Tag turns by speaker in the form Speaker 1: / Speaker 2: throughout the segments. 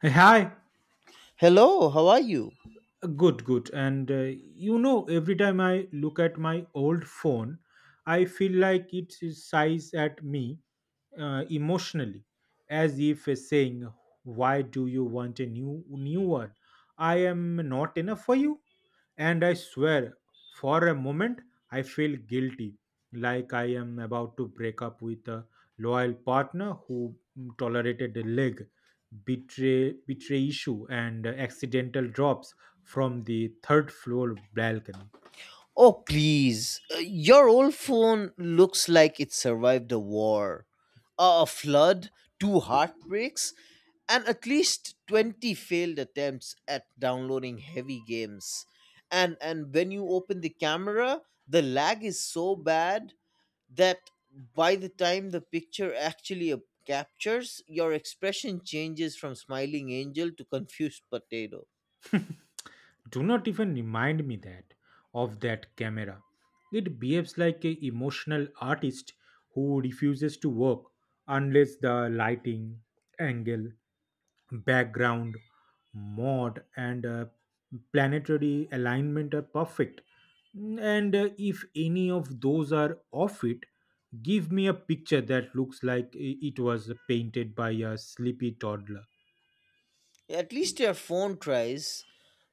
Speaker 1: Hey, hi.
Speaker 2: Hello, how are you?
Speaker 1: Good, good. And every time I look at my old phone, I feel like it is sighs at me emotionally, as if it's saying, "Why do you want a new one? I am not enough for you." And I swear, for a moment, I feel guilty, like I am about to break up with a loyal partner who tolerated a leg betray issue and accidental drops from the third floor balcony.
Speaker 2: Oh, please. Your old phone looks like it survived a war, a flood, two heartbreaks, and at least 20 failed attempts at downloading heavy games. And when you open the camera, the lag is so bad that by the time the picture actually captures, your expression changes from smiling angel to confused potato.
Speaker 1: Do not even remind me that of that camera. It behaves like a emotional artist who refuses to work unless the lighting, angle, background, mod, and planetary alignment are perfect. And if any of those are off it, give me a picture that looks like it was painted by a sleepy toddler.
Speaker 2: At least your phone tries.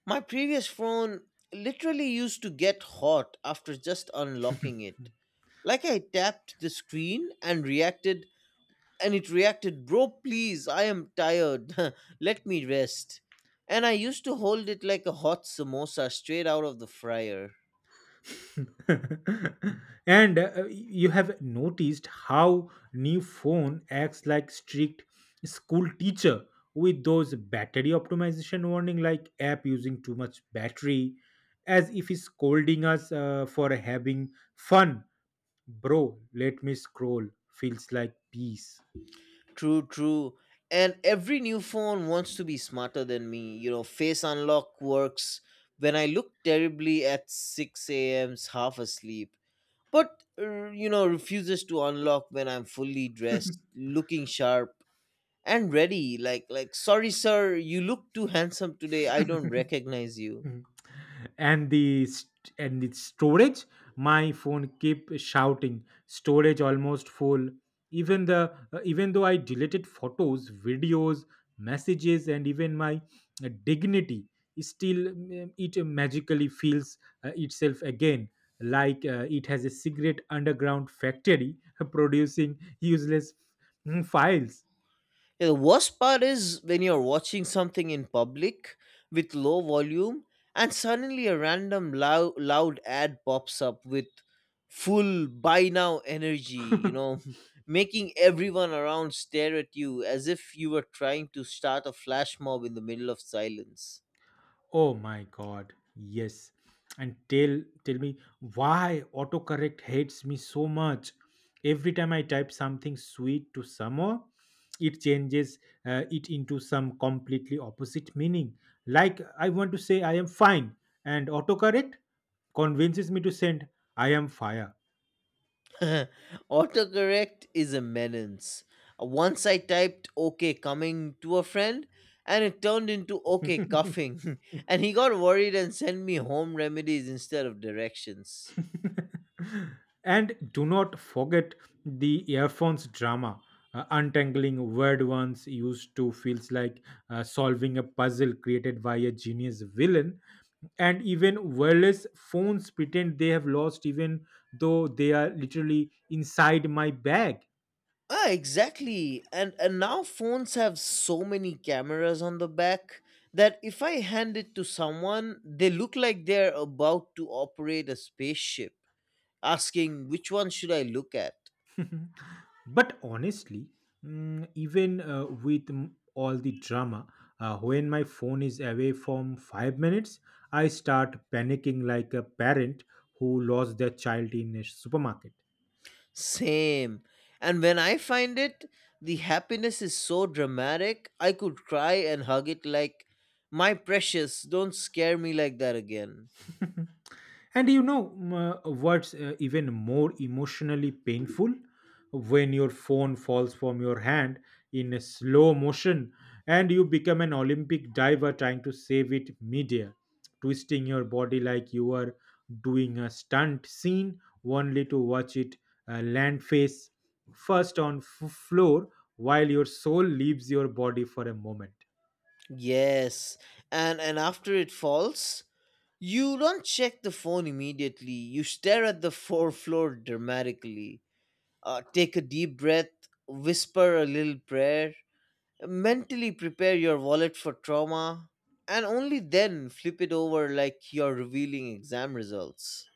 Speaker 2: My previous phone literally used to get hot after just unlocking it. Like I tapped the screen and reacted, and it reacted, Bro, please, I am tired. Let me rest. And I used to hold it like a hot samosa straight out of the fryer.
Speaker 1: And you have noticed how new phone acts like strict school teacher, with those battery optimization warning like app using too much battery, as if he's scolding us for having fun. Bro, let me scroll, feels like peace.
Speaker 2: True, true. And every new phone wants to be smarter than me. You know, face unlock works when I look terribly at 6 a.m.'s half asleep, but you know, refuses to unlock when I'm fully dressed, looking sharp and ready. Like sorry sir, you look too handsome today, I don't recognize you. Yeah,
Speaker 1: Mm. and the st- and the storage, my phone keep shouting storage almost full, even though I deleted photos, videos, messages, and even my dignity. Still it magically feels itself again, like it has a secret underground factory producing useless files.
Speaker 2: the worst part is when you're watching something in public with low volume and suddenly a random loud ad pops up with full buy now energy you know Making everyone around stare at you as if you were trying to start a flash mob in the middle of silence.
Speaker 1: Oh my god, yes. And tell me why autocorrect hates me so much. Every time I type something sweet to someone, it changes it into some completely opposite meaning. Like I want to say I am fine, and autocorrect convinces me to send I am fire.
Speaker 2: Autocorrect is a menace. Once I typed okay coming to a friend and it turned into okay coughing, and he got worried and sent me home remedies instead of directions.
Speaker 1: And do not forget the earphones drama. Untangling word ones used to feels like solving a puzzle created by a genius villain. And even wireless phones pretend they have lost, even though they are literally inside my bag.
Speaker 2: Ah, exactly. And now phones have so many cameras on the back that if I hand it to someone, they look like they're about to operate a spaceship, asking which one should I look at.
Speaker 1: But honestly, even with all the drama, when my phone is away from 5 minutes, I start panicking like a parent who lost their child in a supermarket.
Speaker 2: Same. And when I find it, the happiness is so dramatic, I could cry and hug it like, my precious, don't scare me like that again.
Speaker 1: And what's even more emotionally painful? When your phone falls from your hand in a slow motion, and you become an Olympic diver trying to save it midair, twisting your body like you are doing a stunt scene, only to watch it land face first on floor while your soul leaves your body for a moment.
Speaker 2: Yes. And after it falls, you don't check the phone immediately. You stare at the fore floor dramatically. Take a deep breath, whisper a little prayer, mentally prepare your wallet for trauma, and only then flip it over like you're revealing exam results.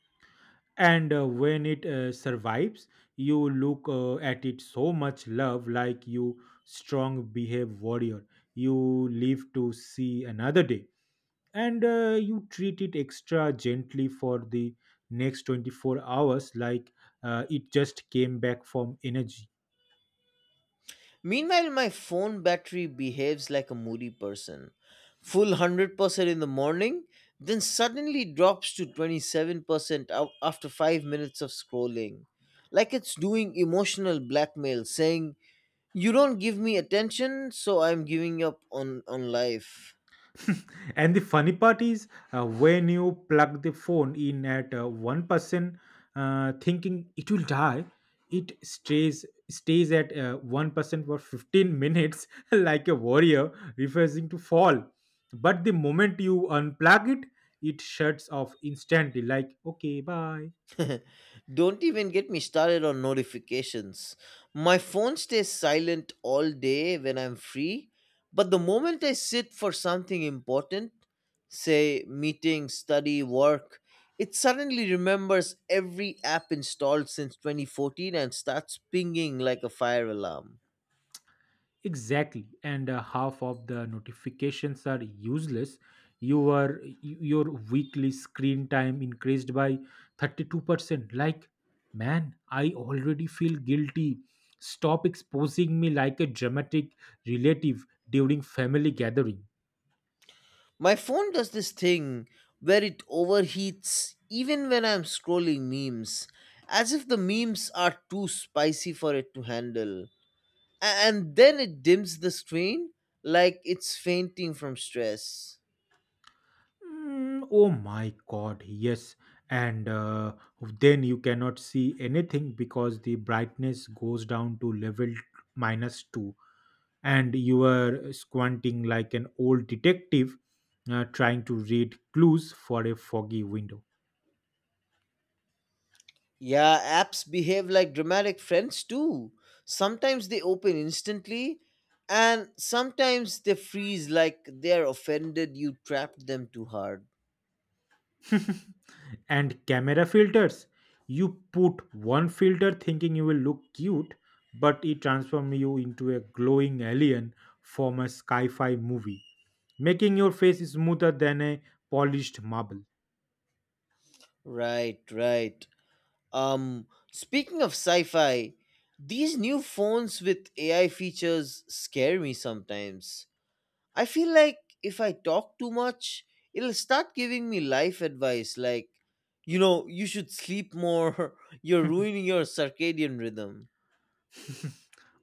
Speaker 1: And when it survives, you look at it so much love, like you strong behave warrior, you live to see another day, and you treat it extra gently for the next 24 hours, like it just came back from energy.
Speaker 2: Meanwhile, my phone battery behaves like a moody person. Full 100% in the morning, then suddenly drops to 27% ou- after 5 minutes of scrolling. Like it's doing emotional blackmail, saying, you don't give me attention, so I'm giving up on life.
Speaker 1: And the funny part is when you plug the phone in at one person, thinking it will die, it stays at 1% for 15 minutes, like a warrior refusing to fall. But the moment you unplug it, it shuts off instantly. Like okay, bye.
Speaker 2: Don't even get me started on notifications. My phone stays silent all day when I'm free, but the moment I sit for something important, say meeting, study, work, it suddenly remembers every app installed since 2014 and starts pinging like a fire alarm.
Speaker 1: Exactly. And half of the notifications are useless. Your weekly screen time increased by 32%, like, man, I already feel guilty. Stop exposing me like a dramatic relative during family gathering.
Speaker 2: My phone does this thing where it overheats even when I'm scrolling memes, as if the memes are too spicy for it to handle, and then it dims the screen like it's fainting from stress.
Speaker 1: Mm, oh my god, yes. And then you cannot see anything because the brightness goes down to level minus 2, and you are squinting like an old detective trying to read clues for a foggy window.
Speaker 2: Yeah, apps behave like dramatic friends too. Sometimes they open instantly, and sometimes they freeze like they're offended you trapped them too hard.
Speaker 1: And camera filters. You put one filter thinking you will look cute, but it transforms you into a glowing alien from a sci fi movie, making your face smoother than a polished marble.
Speaker 2: Right, right. Um, speaking of sci fi, these new phones with AI features scare me sometimes. I feel like if I talk too much, it'll start giving me life advice like, you know, you should sleep more, you're ruining your circadian rhythm.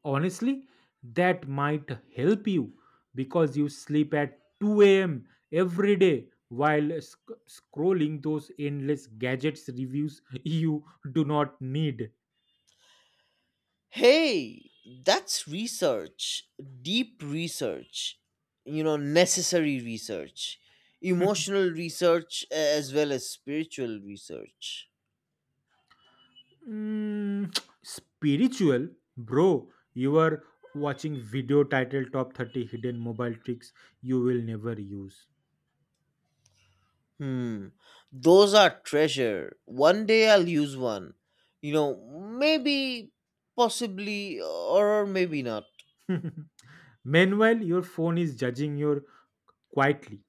Speaker 1: Honestly, that might help you because you sleep at 2 a.m. every day while scrolling those endless gadgets reviews you do not need.
Speaker 2: Hey, that's research, deep research, you know, necessary research, emotional research, as well as spiritual research.
Speaker 1: Mm, spiritual, bro. You are watching video titled Top 30 Hidden Mobile Tricks You Will Never Use.
Speaker 2: Hmm, those are treasure. One day I'll use one. You know, maybe, possibly, or maybe not.
Speaker 1: Meanwhile, your phone is judging you quietly.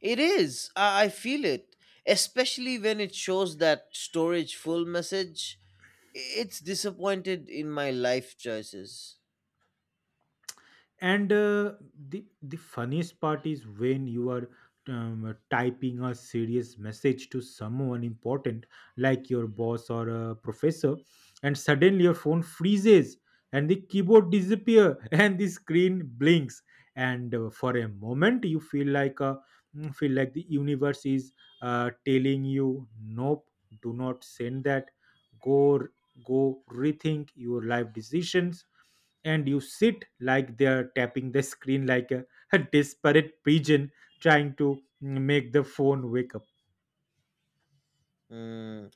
Speaker 2: It is. I feel it. Especially when it shows that storage full message. It's disappointed in my life choices.
Speaker 1: And the funniest part is when you are typing a serious message to someone important, like your boss or a professor, and suddenly your phone freezes and the keyboard disappear and the screen blinks, and for a moment you feel like a feel like the universe is telling you, nope, do not send that, go go rethink your life decisions. And you sit like they're tapping the screen like a, a desperate pigeon trying to make the phone wake up.
Speaker 2: Hmm.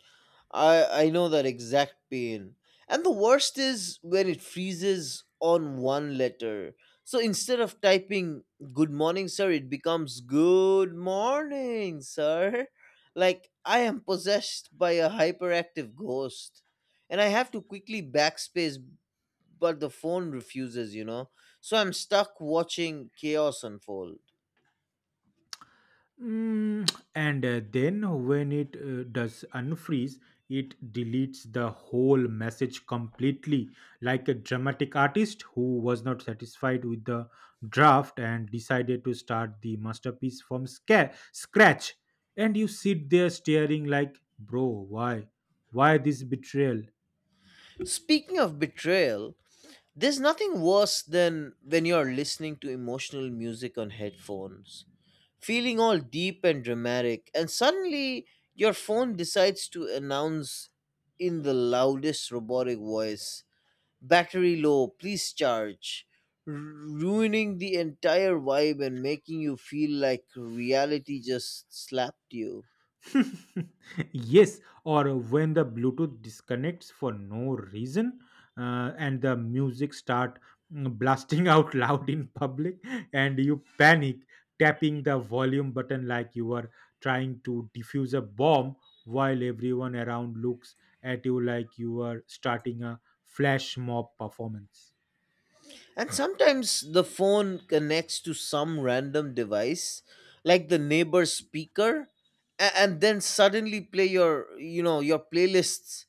Speaker 2: I know that exact pain. And the worst is when it freezes on one letter. So instead of typing good morning sir, it becomes good morning sir. Like I am possessed by a hyperactive ghost. And I have to quickly backspace but the phone refuses, you know. So I'm stuck watching chaos unfold.
Speaker 1: Mm, and Then when it does unfreeze, it deletes the whole message completely, like a dramatic artist who was not satisfied with the draft and decided to start the masterpiece from scratch. And you sit there staring, like, bro, why? Why this betrayal?
Speaker 2: Speaking of betrayal, there's nothing worse than when you're listening to emotional music on headphones, feeling all deep and dramatic, and suddenly your phone decides to announce in the loudest robotic voice, battery low, please charge, ruining the entire vibe and making you feel like reality just slapped you.
Speaker 1: Yes, or when the Bluetooth disconnects for no reason, and the music start blasting out loud in public, and you panic tapping the volume button like you are trying to defuse a bomb, while everyone around looks at you like you are starting a flash mob performance.
Speaker 2: And sometimes the phone connects to some random device, like the neighbor's speaker, and then suddenly play your, you know, your playlists.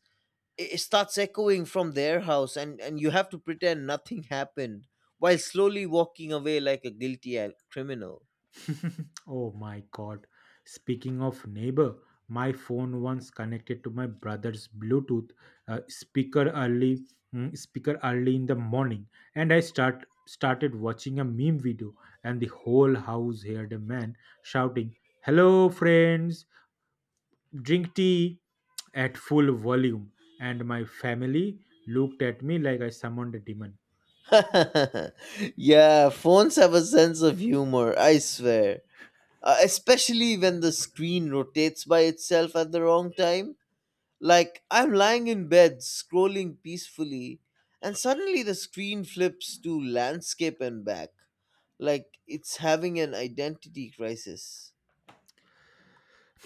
Speaker 2: I- It starts echoing from their house, and you have to pretend nothing happened while slowly walking away like a guilty criminal.
Speaker 1: Oh my god. Speaking of neighbor, my phone once connected to my brother's Bluetooth uh, speaker early speaker early in the morning, and I started watching a meme video, and the whole house heard a man shouting, "Hello friends, drink tea." at full volume, and my family looked at me like I summoned a demon.
Speaker 2: Yeah, phones have a sense of humor, I swear. Especially when the screen rotates by itself at the wrong time. Like, I'm lying in bed scrolling peacefully, and suddenly the screen flips to landscape and back. Like, it's having an identity crisis.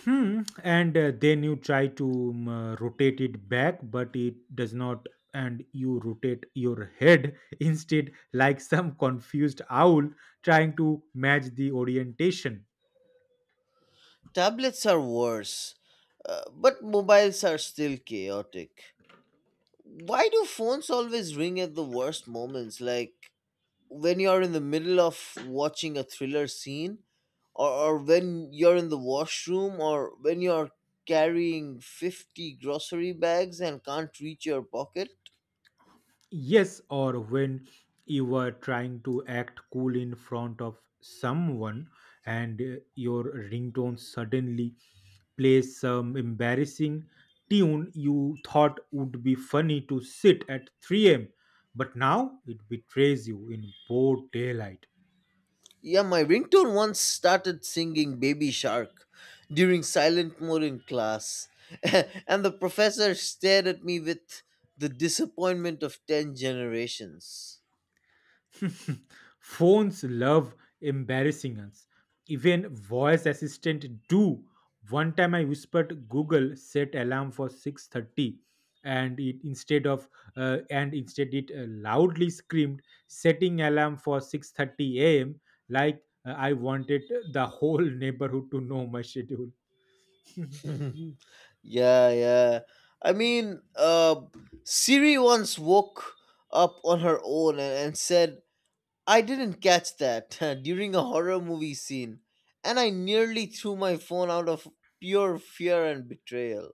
Speaker 1: Hmm. And then you try to rotate it back, but it does not. And you rotate your head instead, like some confused owl trying to match the orientation.
Speaker 2: Tablets are worse, but mobiles are still chaotic. Why do phones always ring at the worst moments? Like, when you're in the middle of watching a thriller scene or when you're in the washroom or when you're carrying 50 grocery bags and can't reach your pocket.
Speaker 1: Yes, or when you were trying to act cool in front of someone and your ringtone suddenly plays some embarrassing tune you thought would be funny to sit at 3 a.m., but now it betrays you in broad daylight.
Speaker 2: Yeah, my ringtone once started singing baby shark during silent mode in class and the professor stared at me with the disappointment of 10 generations.
Speaker 1: Phones love embarrassing us. Even voice assistant do. One time I whispered Google set alarm for 6:30, and it instead of and instead it loudly screamed setting alarm for 6:30 a.m., like I wanted the whole neighborhood to know my schedule.
Speaker 2: Mhm. Yeah, yeah. I mean, uh, Siri once woke up on her own and said, I didn't catch that, during a horror movie scene, and I nearly threw my phone out of pure fear and betrayal.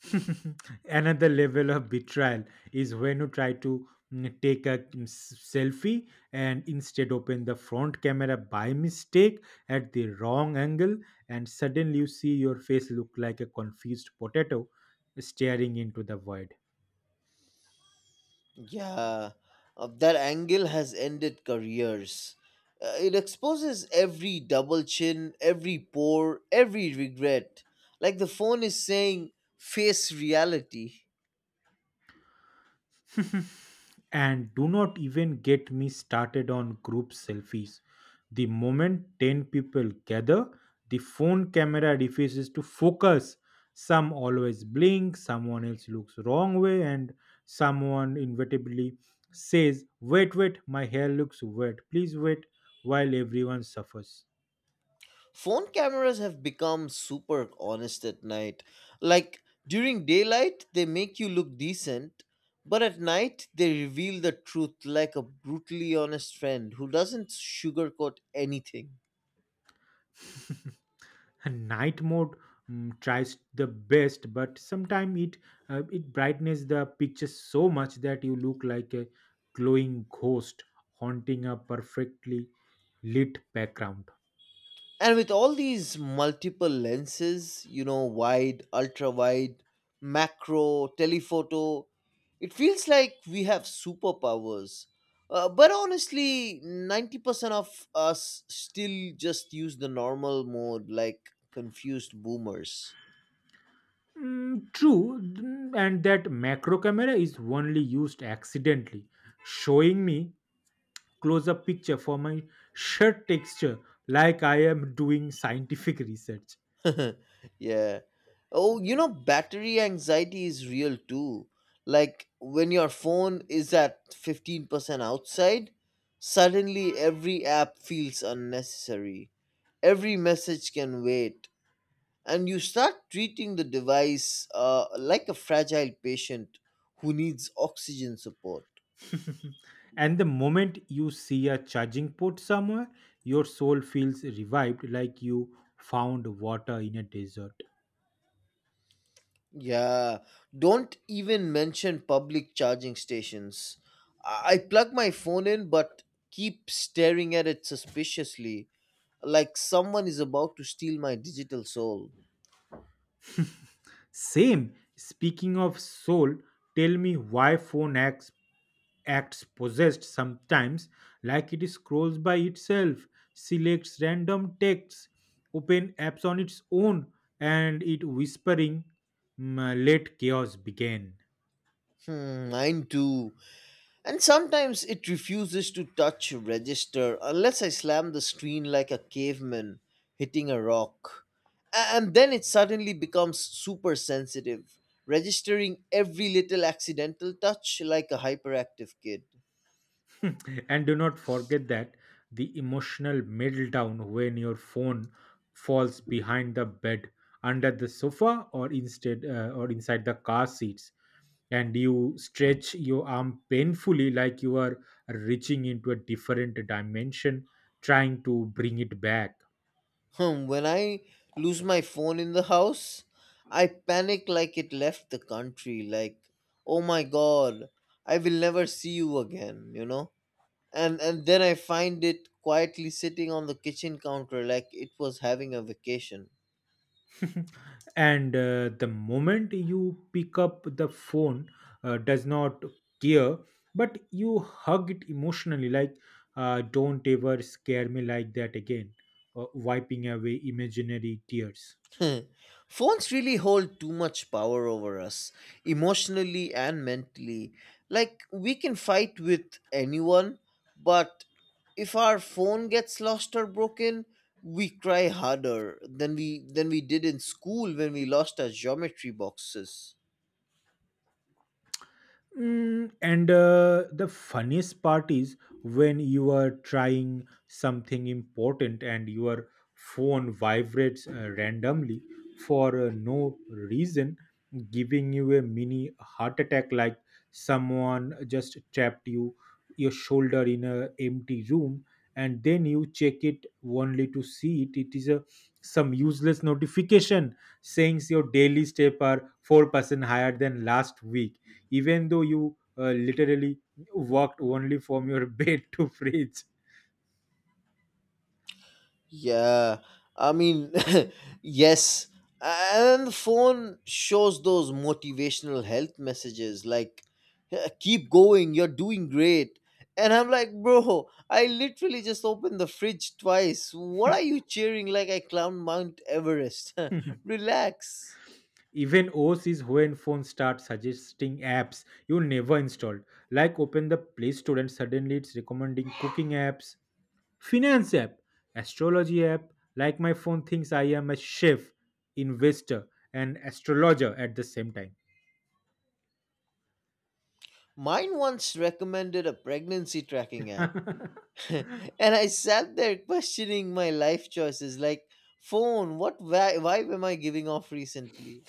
Speaker 1: Another level of betrayal is when you try to take a selfie, and instead open the front camera by mistake at the wrong angle, and suddenly you see your face look like a confused potato staring into the void.
Speaker 2: Yeah, that angle has ended careers. It exposes every double chin, every pore, every regret. Like the phone is saying, face reality.
Speaker 1: And do not even get me started on group selfies. The moment 10 people gather, the phone camera refuses to focus. Some always blink, someone else looks wrong way, and someone inevitably says, "Wait, wait, my hair looks wet, please wait," while everyone suffers.
Speaker 2: Phone cameras have become super honest at night. Like during daylight, they make you look decent, but at night, they reveal the truth like a brutally honest friend who doesn't sugarcoat anything.
Speaker 1: Night mode tries the best, but sometimes it brightens the picture so much that you look like a glowing ghost haunting a perfectly lit background.
Speaker 2: And with all these multiple lenses, you know, wide, ultra wide, macro, telephoto, it feels like we have superpowers. But honestly, 90% of us still just use the normal mode like confused boomers.
Speaker 1: Mm, true. And that macro camera is only used accidentally, showing me close up picture for my shirt texture, like I am doing scientific research.
Speaker 2: Yeah. Oh, you know, battery anxiety is real too. Like when your phone is at 15% outside, suddenly every app feels unnecessary. Every message can wait. And you start treating the device like a fragile patient who needs oxygen support.
Speaker 1: And the moment you see a charging port somewhere, your soul feels revived like you found water in a desert.
Speaker 2: Yeah, don't even mention public charging stations. I plug my phone in, but keep staring at it suspiciously, like someone is about to steal my digital soul.
Speaker 1: Same. Speaking of soul, tell me why phone acts possessed sometimes, like it scrolls by itself, selects random texts, open apps on its own, and it whispering, "Mm, let chaos begin."
Speaker 2: Hmm, mine too. And sometimes it refuses to touch register unless I slam the screen like a caveman hitting a rock. A- And then it suddenly becomes super sensitive, registering every little accidental touch like a hyperactive kid.
Speaker 1: And do not forget that the emotional meltdown when your phone falls behind the bed, under the sofa, or inside the car seats, and you stretch your arm painfully like you are reaching into a different dimension, trying to bring it back.
Speaker 2: Hmm. When I lose my phone in the house, I panic like it left the country. Like, oh my god, I will never see you again. You know, and then I find it quietly sitting on the kitchen counter like it was having a vacation.
Speaker 1: And the moment you pick up the phone does not care, but you hug it emotionally like, don't ever scare me like that again, wiping away imaginary tears.
Speaker 2: Hmm. Phones really hold too much power over us, emotionally and mentally. Like, we can fight with anyone, but if our phone gets lost or broken, we cry harder than we did in school when we lost our geometry boxes.
Speaker 1: Mm, and The funniest part is when you are trying something important and your phone vibrates randomly for no reason, giving you a mini heart attack, like someone just trapped your shoulder in a empty room. And then you check it only to see it is a some useless notification saying your daily step are 4% higher than last week, even though you literally walked only from your bed to fridge.
Speaker 2: Yeah, I mean, yes. And the phone shows those motivational health messages like, "Eh, keep going, you're doing great." And I'm like, bro, I literally just opened the fridge twice. What are you cheering like I climbed Mount Everest? Relax.
Speaker 1: Even OS is when phones start suggesting apps you never installed. Like open the Play Store and suddenly it's recommending cooking apps, finance app, astrology app. Like my phone thinks I am a chef, investor, and astrologer at the same
Speaker 2: Mine once recommended a pregnancy tracking app.
Speaker 1: time.
Speaker 2: And I sat there questioning my life choices like, phone, what vibe am I giving off recently?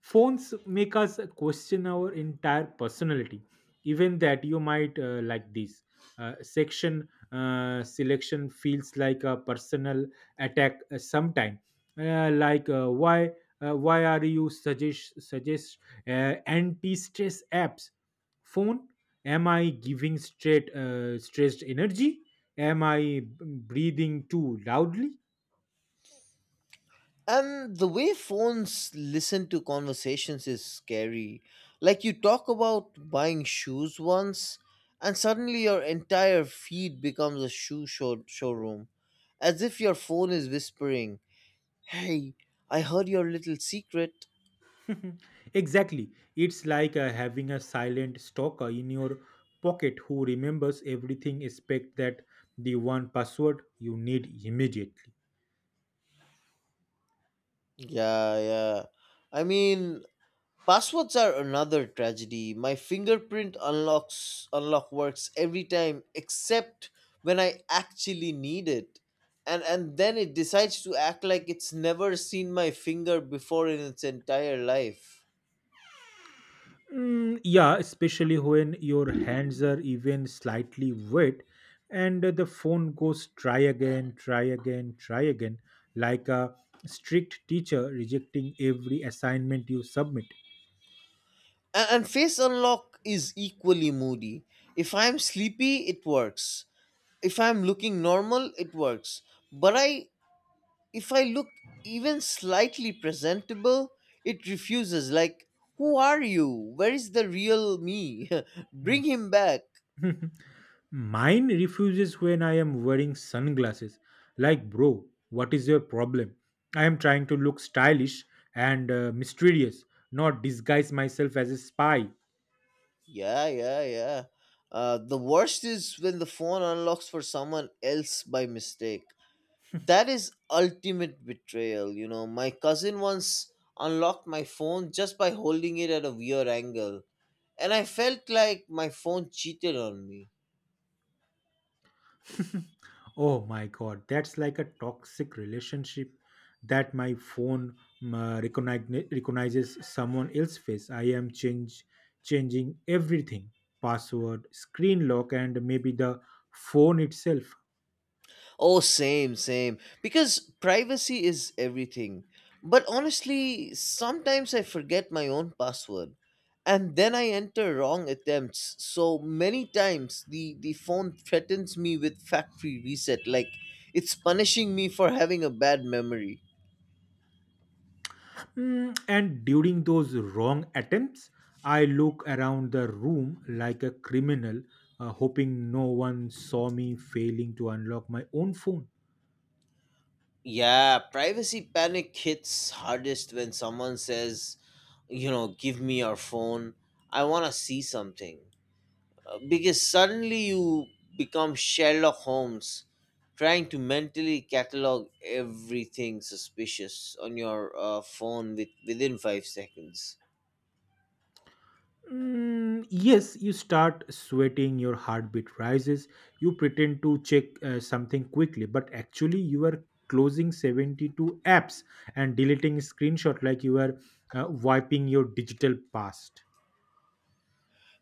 Speaker 1: Phones make us question our entire personality, even that you might like this section selection feels like a personal attack sometime. Like why are you suggest anti-stress apps? Phone, am I giving straight stressed energy? Am I breathing too loudly?
Speaker 2: And the way phones listen to conversations is scary. Like you talk about buying shoes once, and suddenly your entire feed becomes a showroom. As if your phone is whispering, hey, I heard your little secret.
Speaker 1: Mhm. Exactly. It's like having a silent stalker in your pocket who remembers everything except that the one password you need immediately.
Speaker 2: Yeah, yeah. I mean, Passwords are another tragedy. My fingerprint unlock works every time except when I actually need it. And then it decides to act like it's never seen my finger before in its entire life.
Speaker 1: Mm, yeah, especially when your hands are even slightly wet, and the phone goes, "try again, try again, try again," like a strict teacher rejecting every assignment you submit.
Speaker 2: And face unlock is equally moody. If I'm sleepy, it works. If I'm looking normal, it works. But I if I look even slightly presentable, it refuses. Like, who are you? Where is the real me? Bring him back.
Speaker 1: Mine refuses when I am wearing sunglasses. Like, bro, what is your problem? I am trying to look stylish and mysterious, not disguise myself as a spy.
Speaker 2: Yeah, yeah, yeah. The worst is when the phone unlocks for someone else by mistake. That is ultimate betrayal. You know, my cousin once unlocked my phone just by holding it at a weird angle, and I felt like my phone cheated on me.
Speaker 1: Oh my god, that's like a toxic relationship that my phone recognizes someone else's face. I am change changing everything, password, screen lock, and maybe the phone itself.
Speaker 2: Oh, same, same. Because privacy is everything. But honestly, sometimes I forget my own password and then I enter wrong attempts so many times, the phone threatens me with factory reset, like it's punishing me for having a bad memory.
Speaker 1: And during those wrong attempts, I look around the room like a criminal, hoping no one saw me failing to unlock my own phone.
Speaker 2: Yeah, privacy panic hits hardest when someone says, you know, give me your phone. I want to see something. Because suddenly you become Sherlock Holmes trying to mentally catalog everything suspicious on your phone within 5 seconds.
Speaker 1: Mm, yes, you start sweating, your heartbeat rises, you pretend to check something quickly, but actually, you are closing 72 apps and deleting screenshot like you are wiping your digital past.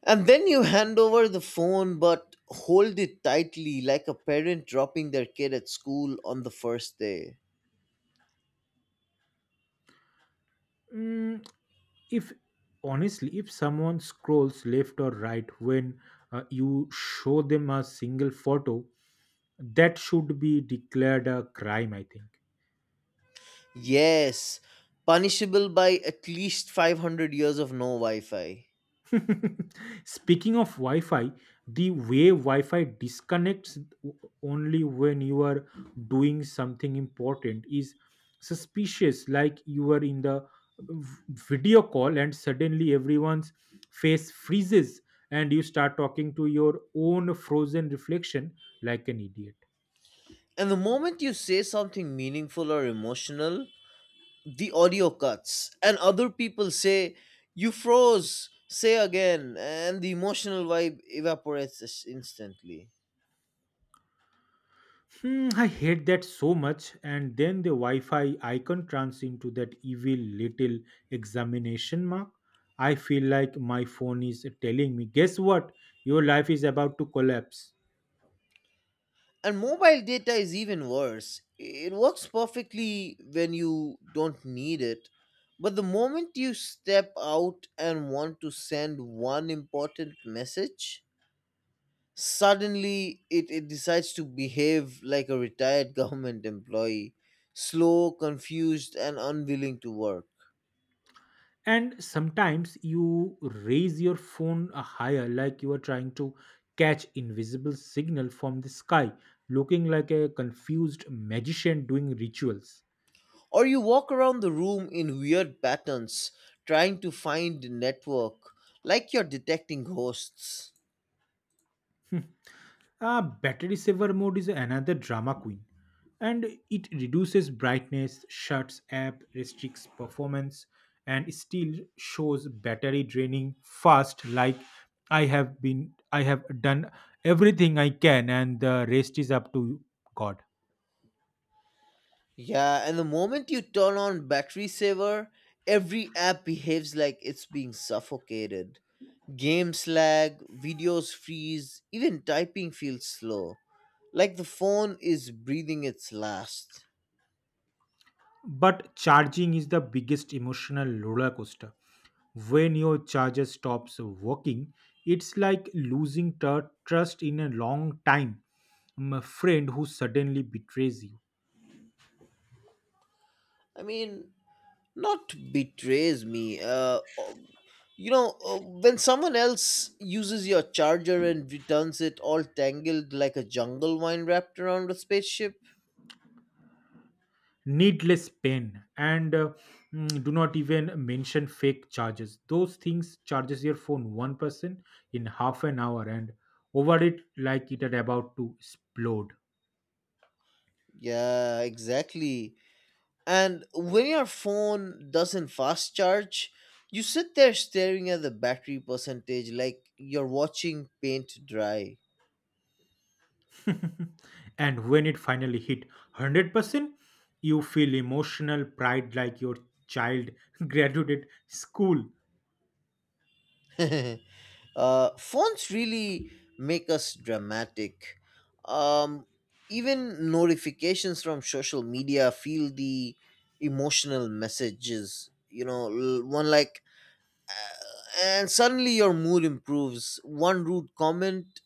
Speaker 2: And then you hand over the phone but hold it tightly like a parent dropping their kid at school on the first day.
Speaker 1: Mm, if Honestly, if someone scrolls left or right when you show them a single photo, that should be declared a crime I think.
Speaker 2: Yes, punishable by at least 500 years of no Wi Fi.
Speaker 1: Speaking of Wi Fi, the way Wi Fi disconnects only when you are doing something important is suspicious, like you are in the video call and suddenly everyone's face freezes, and you start talking to your own frozen reflection like an idiot.
Speaker 2: And the moment you say something meaningful or emotional, the audio cuts and other people say you froze, say again, and the emotional vibe evaporates instantly.
Speaker 1: I hate that so much. And then the Wi Fi icon turns into that evil little examination mark. I feel like my phone is telling me, guess what? Your life is about to collapse.
Speaker 2: And mobile data is even worse. It works perfectly when you don't need it, but the moment you step out and want to send one important message, suddenly it decides to behave like a retired government employee, slow, confused, and unwilling to work.
Speaker 1: And sometimes you raise your phone higher, like you are trying to catch invisible signal from the sky, looking like a confused magician doing rituals.
Speaker 2: Or you walk around the room in weird patterns, trying to find the network, like you're detecting ghosts.
Speaker 1: Battery saver mode is another drama queen, and it reduces brightness, shuts app, restricts performance, and still shows battery draining fast. Like, I have done everything I can, and the rest is up to God.
Speaker 2: Yeah, and the moment you turn on battery saver, every app behaves like it's being suffocated. Games lag, videos freeze, even typing feels slow. Like the phone is breathing its last.
Speaker 1: But charging is the biggest emotional roller coaster. When your charger stops working, it's like losing trust in a long time. A friend who suddenly betrays you.
Speaker 2: I mean, not betrays me uh oh, you know, when someone else uses your charger and returns it all tangled like a jungle vine wrapped around a spaceship.
Speaker 1: Needless pain. And do not even mention fake charges. Those things charges your phone 1% in half an hour, and over it like it are about to explode.
Speaker 2: Yeah, exactly. And when your phone doesn't fast charge, you sit there staring at the battery percentage like you're watching paint dry.
Speaker 1: And when it finally hit 100%, you feel emotional pride like your child graduated school.
Speaker 2: Fonts really make us dramatic. Um, Even notifications from social media feel the emotional messages. You know, one like, and suddenly your mood improves. One rude comment,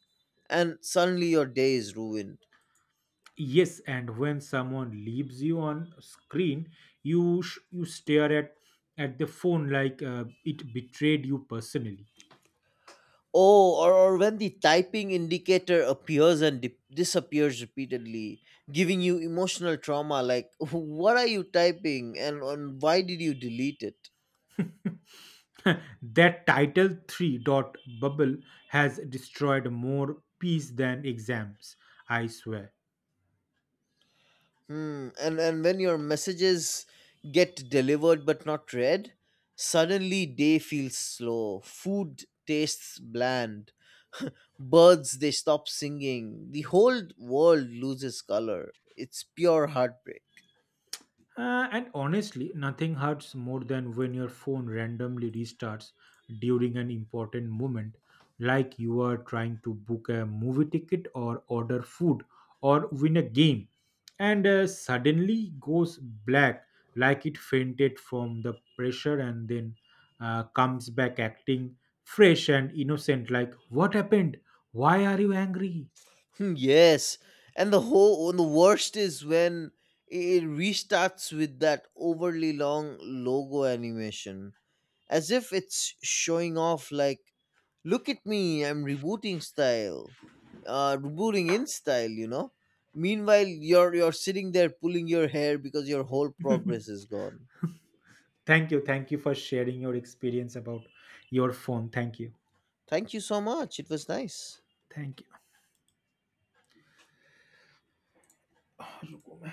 Speaker 2: and suddenly your day is ruined.
Speaker 1: Yes, and when someone leaves you on screen, you stare at the phone like it betrayed you personally.
Speaker 2: Oh, or when the typing indicator appears and disappears repeatedly, giving you emotional trauma like, what are you typing and why did you delete it?
Speaker 1: That title 3 dot bubble has destroyed more peace than exams, I swear.
Speaker 2: Hmm. And when your messages get delivered but not read, suddenly day feels slow. Food tastes bland. Birds they stop singing. The whole world loses color. It's pure heartbreak.
Speaker 1: And honestly, nothing hurts more than when your phone randomly restarts during an important moment, like you are trying to book a movie ticket or order food or win a game, and suddenly goes black like it fainted from the pressure, and then comes back acting fresh and innocent, like, what happened? Why are you angry?
Speaker 2: Hmm, yes, and the worst is when it restarts with that overly long logo animation, as if it's showing off. Like, look at me, I'm rebooting style, rebooting in style. You know. Meanwhile, you're sitting there pulling your hair because your whole progress is gone.
Speaker 1: Thank you. Thank you for sharing your experience about your phone. Thank you.
Speaker 2: Thank you so much. It was nice.
Speaker 1: Thank you. 啊，入国门。